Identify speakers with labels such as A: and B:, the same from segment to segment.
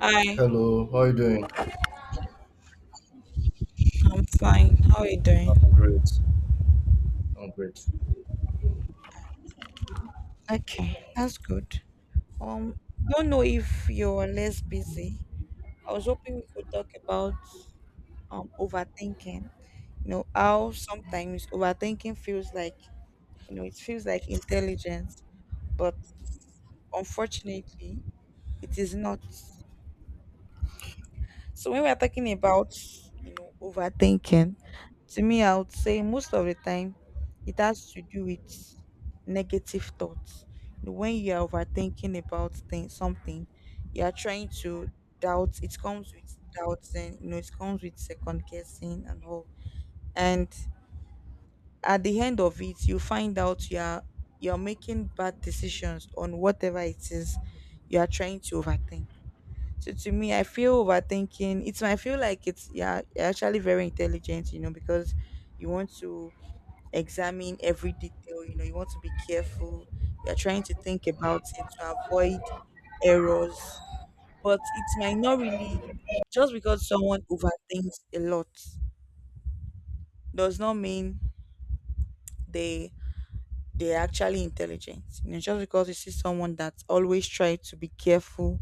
A: Hi,
B: Hello, how are you doing?
A: I'm fine. How are you doing?
B: I'm great. I'm great.
A: Okay, that's good. Um, don't know if you're less busy. I was hoping we could talk about overthinking. You know, how sometimes overthinking feels like, it feels like intelligence, but unfortunately, it is not. So when we're talking about overthinking, to me I would say most of the time it has to do with negative thoughts. You know, when you are overthinking about things something, you are trying to doubt it comes with doubts, and you know it comes with second guessing and all. And at the end of it you find out you're making bad decisions on whatever it is you are trying to overthink. So to me, I feel overthinking. It's I feel like it's, yeah, you're actually very intelligent, you know, because you want to examine every detail, you know, you want to be careful. You're trying to think about it to avoid errors. But it might not really, just because someone overthinks a lot does not mean they they're actually intelligent. You know, just because you see someone that always try to be careful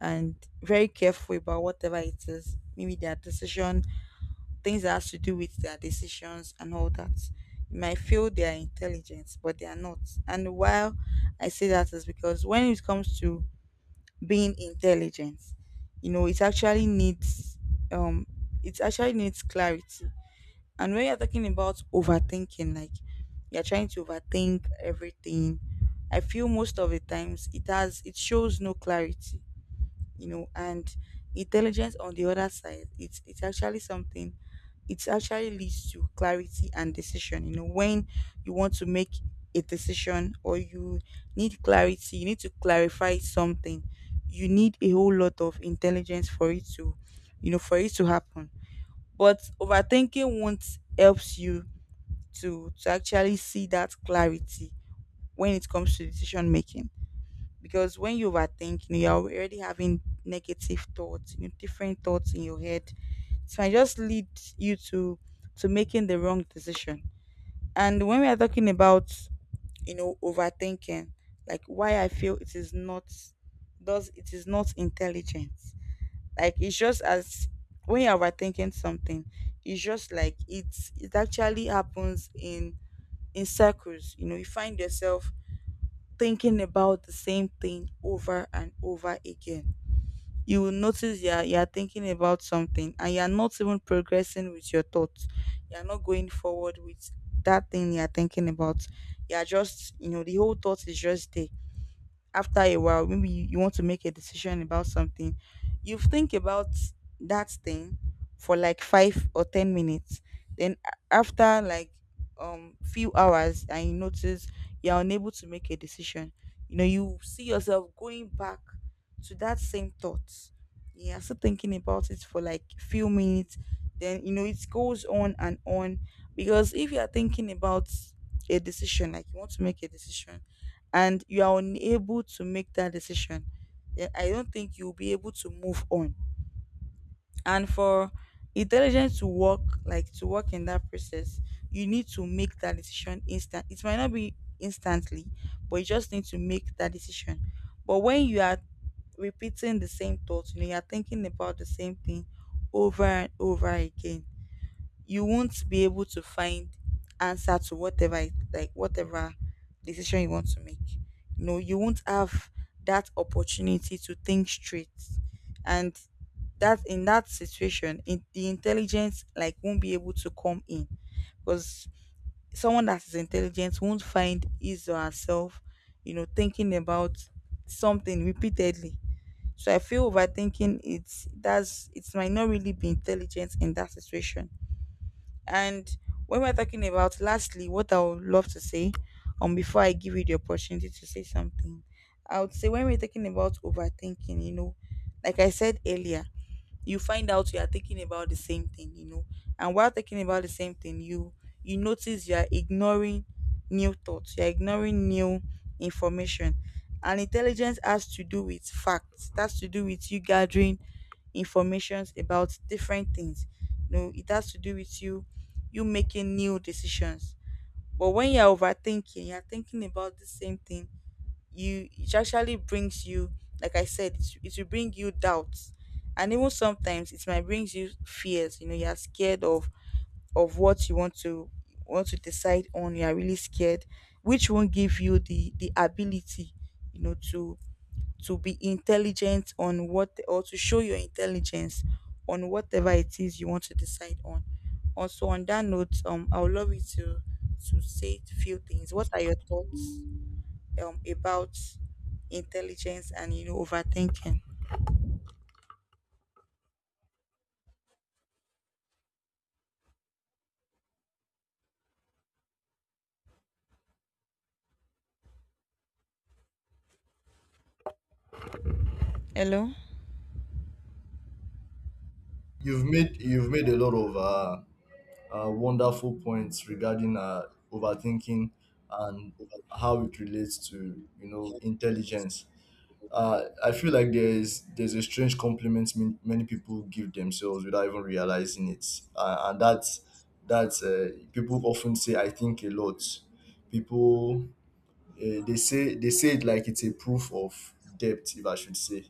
A: and very careful about whatever it is, maybe their decision things that has to do with their decisions and all that. You might feel they are intelligent, but they are not. And while I say that is because when it comes to being intelligent, you know, um it actually needs clarity. And when you're talking about overthinking, like you're trying to overthink everything, I feel most of the times it shows no clarity, you know. And intelligence on the other side, it's actually something, it actually leads to clarity and decision. You know, when you want to make a decision or you need clarity, you need to clarify something, you need a whole lot of intelligence for it to, you know, for it to happen. But overthinking won't helps you to actually see that clarity when it comes to decision making. Because when you overthink, you know, you're already having negative thoughts, you know, different thoughts in your head. It might just lead you to making the wrong decision. And when we are talking about, you know, overthinking, like why I feel it is not does it is not intelligent. Like it's just as, when you're overthinking something, it's just like it actually happens in circles. You know, you find yourself thinking about the same thing over and over again. You will notice you're thinking about something and you're not even progressing with your thoughts. You're not going forward with that thing you're thinking about. You're just, you know, the whole thought is just there. After a while, maybe you want to make a decision about something, you think about that thing for like 5 or 10 minutes. Then after like few hours, and you notice you're unable to make a decision, you know, you see yourself going back to that same thought. You're still thinking about it for like few minutes, then you know it goes on and on. Because if you are thinking about a decision, like you want to make a decision and you are unable to make that decision, then I don't think you'll be able to move on. And for intelligence to work, like to work in that process, you need to make that decision instant. It might not be instantly, but you just need to make that decision. But when you are repeating the same thoughts, you know, you are thinking about the same thing over and over again, you won't be able to find answer to whatever like whatever decision you want to make, you know you won't have that opportunity to think straight. And that in that situation the intelligence like won't be able to come in, because someone that is intelligent won't find his or herself, you know, thinking about something repeatedly. So I feel overthinking, it might not really be intelligent in that situation. And when we're talking about, lastly, what I would love to say, before I give you the opportunity to say something, I would say when we're talking about overthinking, you know, like I said earlier, you find out you are thinking about the same thing, you know, and while thinking about the same thing, you notice you are ignoring new thoughts, you are ignoring new information, and intelligence has to do with facts. That's to do with you gathering informations about different things. You know, it has to do with you making new decisions. But when you're overthinking, you're thinking about the same thing, you it actually brings you, like I said, it will bring you doubts. And even sometimes it might bring you fears. You know, you're scared of what you want to decide on, you are really scared, which won't give you the ability, you know, to be intelligent on what, or to show your intelligence on whatever it is you want to decide on. Also on that note, I would love you to say a few things. What are your thoughts about intelligence and, you know, overthinking? Hello?
B: You've made a lot of wonderful points regarding overthinking and how it relates to you know intelligence. I feel like there's a strange compliment many people give themselves without even realizing it, and that's people often say I think a lot. People they say it like it's a proof of depth, if I should say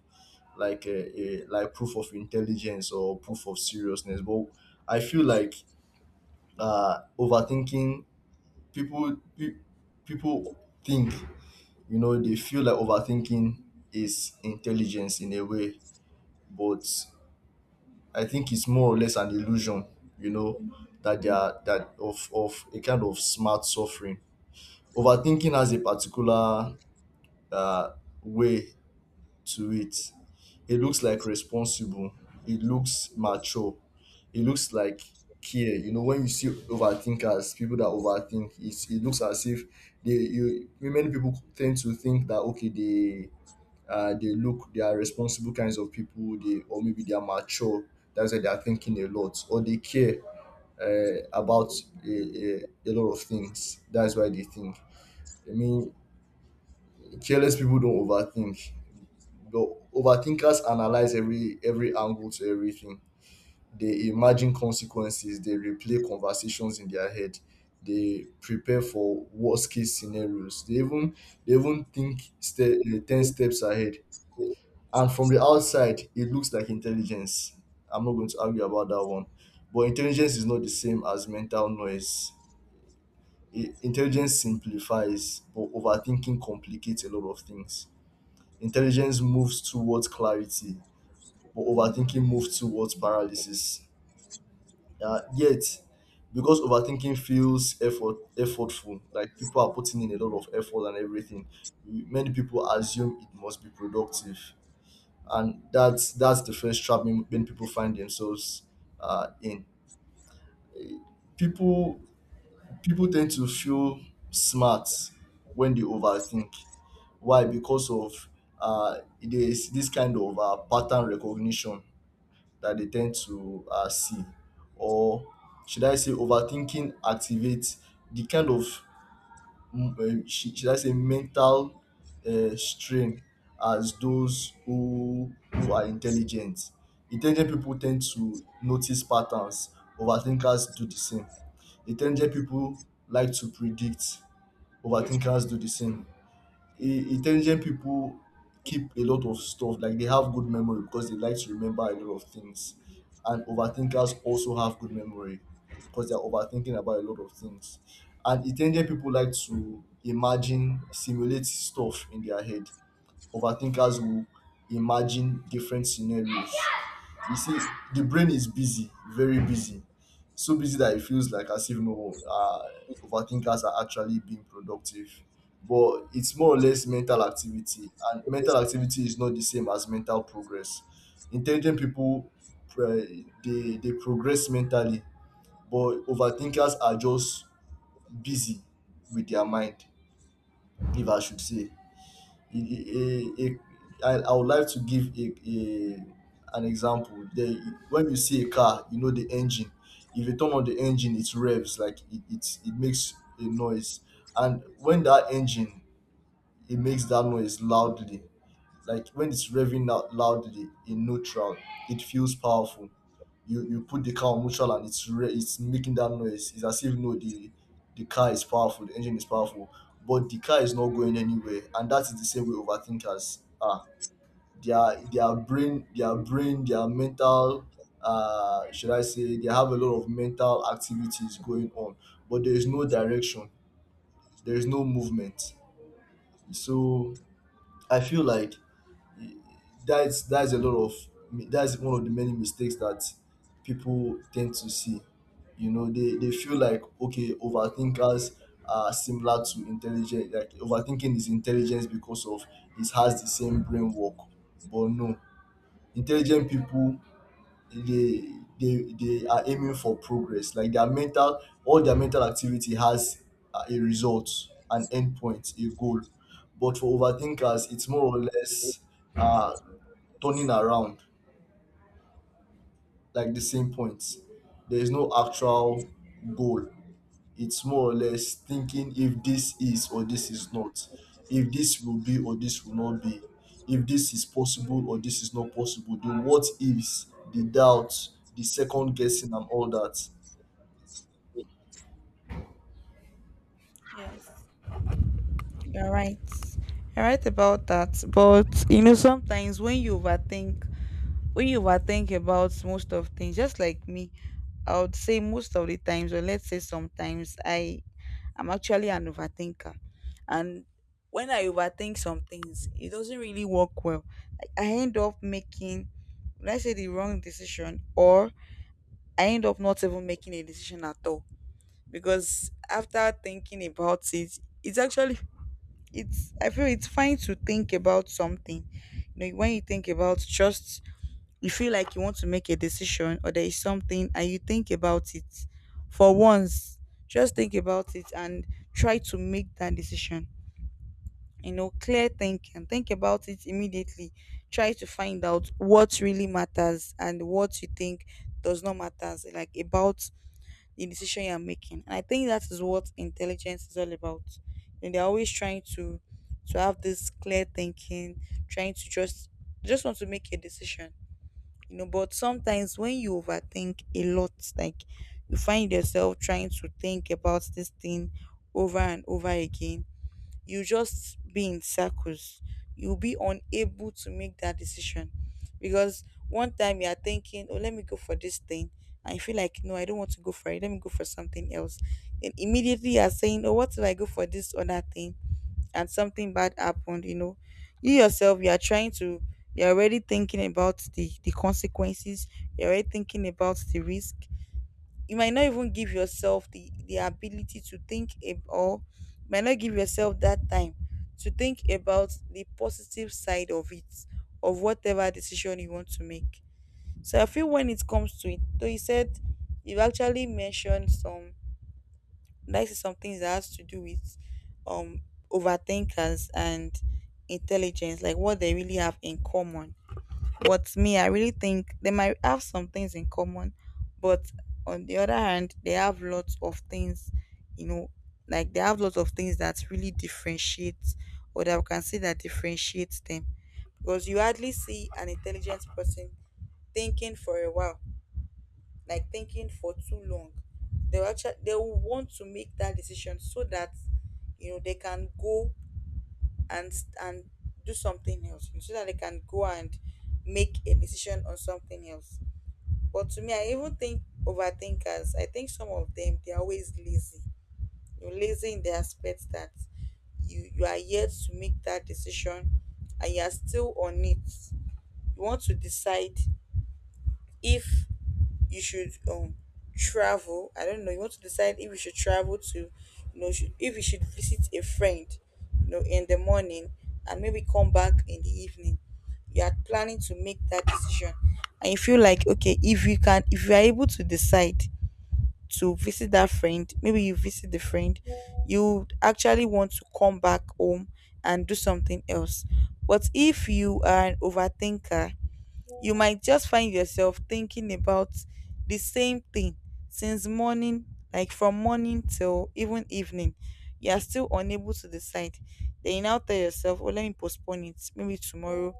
B: like a proof of intelligence or proof of seriousness, but I feel like overthinking, people pe- people think, you know, they feel like overthinking is intelligence in a way, but I think it's more or less an illusion, you know, that they are, that of a kind of smart suffering. Overthinking has a particular uh, way to it. It looks like responsible. It looks mature. It looks like care. You know, when you see overthinkers, people that overthink, it's, it looks as if they you many people tend to think that okay, they look, they are responsible kinds of people, they, or maybe they are mature, that's why they are thinking a lot, or they care about a lot of things, that's why they think. I mean, careless people don't overthink. The overthinkers analyze every angle to everything, they imagine consequences, they replay conversations in their head, they prepare for worst case scenarios, they even think 10 steps ahead. And from the outside it looks like intelligence. I'm not going to argue about that one, but intelligence is not the same as mental noise. Intelligence simplifies, but overthinking complicates a lot of things. Intelligence moves towards clarity, but overthinking moves towards paralysis. Yet, because overthinking feels effortful, like people are putting in a lot of effort and everything, many people assume it must be productive, and that's the first trap many people find themselves in. People people tend to feel smart when they overthink. Why? Because of there's this kind of pattern recognition that they tend to see, or should I say overthinking activates the kind of should I say mental strain as those who are intelligent. Intelligent people tend to notice patterns. Overthinkers do the same. Intelligent people like to predict. Overthinkers do the same. Intelligent people keep a lot of stuff, like they have good memory because they like to remember a lot of things, and overthinkers also have good memory because they're overthinking about a lot of things. And intelligent people like to imagine, simulate stuff in their head. Overthinkers will imagine different scenarios. You see, the brain is busy, very busy, so busy that it feels like as if no overthinkers are actually being productive. But it's more or less mental activity, and mental activity is not the same as mental progress. Intelligent people, uh, they progress mentally, but overthinkers are just busy with their mind, if I should say a, a, a, I would like to give a an example. When you see a car, you know the engine. If you turn on the engine, it revs, like it makes a noise. And when that engine, it makes that noise loudly, like when it's revving out loudly in neutral, it feels powerful. You put the car on neutral and it's it's making that noise, it's as if no, the car is powerful, the engine is powerful, but the car is not going anywhere. And that is the same way overthinkers are. Their brain, their brain their mental, should I say, they have a lot of mental activities going on, but there is no direction, there is no movement. So I feel like that's that's a lot of that's one of the many mistakes that people tend to see. You know, they feel like okay, overthinkers are similar to intelligent, like overthinking is intelligence because of it has the same brain work. But no, intelligent people, they they are aiming for progress, like their mental, all their mental activity has a result, an endpoint, a goal. But for overthinkers, it's more or less uh turning around, like the same points, there is no actual goal. It's more or less thinking if this is or this is not, if this will be or this will not be, if this is possible or this is not possible, the what ifs, the doubts, the second guessing, and all that.
A: Yes. You're right. About that. But you know, sometimes when you overthink about most of things, just like me, I would say most of the times, or let's say sometimes, I am actually an overthinker, and when I overthink some things, it doesn't really work well. Like I end up making, let's say, the wrong decision, or I end up not even making a decision at all because after thinking about it, it's actually it's I feel it's fine to think about something. You know, when you think about, just, you feel like you want to make a decision, or there is something and you think about it for once, just think about it and try to make that decision. You know, clear thinking, think about it immediately, try to find out what really matters and what you think does not matter, like about the decision you're making. And I think that is what intelligence is all about. And they're always trying to have this clear thinking, trying to just want to make a decision. You know, but sometimes when you overthink a lot, like you find yourself trying to think about this thing over and over again, you just be in circles. You'll be unable to make that decision, because one time you are thinking, "Oh, let me go for this thing," and you feel like, "No, I don't want to go for it. Let me go for something else." And immediately you are saying, "Oh, what if I go for this other thing? And something bad happened." You know, you are trying to. You're already thinking about the consequences. You're already thinking about the risk. You might not even give yourself the ability to think or you might not give yourself that time to think about the positive side of it, of whatever decision you want to make. So I feel when it comes to it, though you said you have actually mentioned some, like some things that has to do with um overthinkers and intelligence, like what they really have in common. But me, I really think they might have some things in common, but on the other hand, they have lots of things, you know, like they have lots of things that really differentiate, or that we can say that differentiates them. Because you hardly see an intelligent person thinking for a while, like thinking for too long. They will actually, they will want to make that decision so that, you know, they can go and and do something else, so that they can go and make a decision on something else. But to me, I even think overthinkers, I think some of them, they're always lazy. You're lazy in the aspect that you are yet to make that decision and you are still on it. You want to decide if you should travel. I don't know. You want to decide if you should travel to, you know, should, if you should visit a friend, you know, in the morning and maybe come back in the evening. You are planning to make that decision and you feel like, okay, if you can, if you are able to decide to visit that friend, maybe you visit the friend, you actually want to come back home and do something else. But if you are an overthinker, you might just find yourself thinking about the same thing since morning, like from morning till even evening. You are still unable to decide. Then you now tell yourself, oh, let me postpone it. Maybe tomorrow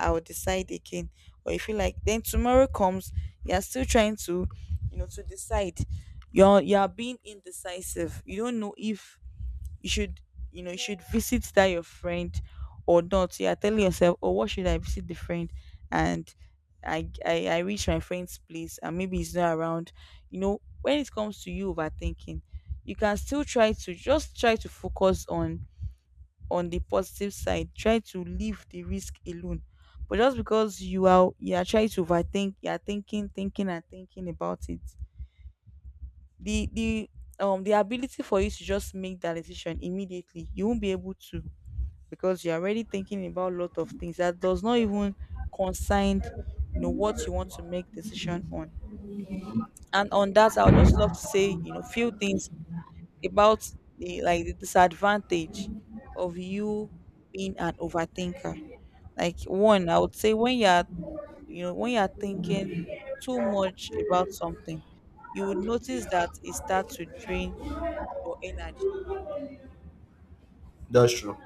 A: I will decide again. Or you feel like then tomorrow comes, you are still you know, to decide. You are being indecisive. You don't know if you should, you know, you should visit that your friend or not. You are telling yourself, oh, what, should I visit the friend, and I reach my friend's place and maybe he's not around. You know, when it comes to you overthinking, you can still try to just try to focus on the positive side, try to leave the risk alone. But just because you are trying to overthink, you are thinking, thinking and thinking about it, the the ability for you to just make that decision immediately, you won't be able to, because you're already thinking about a lot of things that does not even concern, you know, what you want to make decision on. And on that, I would just love to say, you know, few things about the, like the disadvantage of you being an overthinker. Like one, I would say, when you're, you know, when you're thinking too much about something, you would notice that it starts to drain your energy
B: That's true.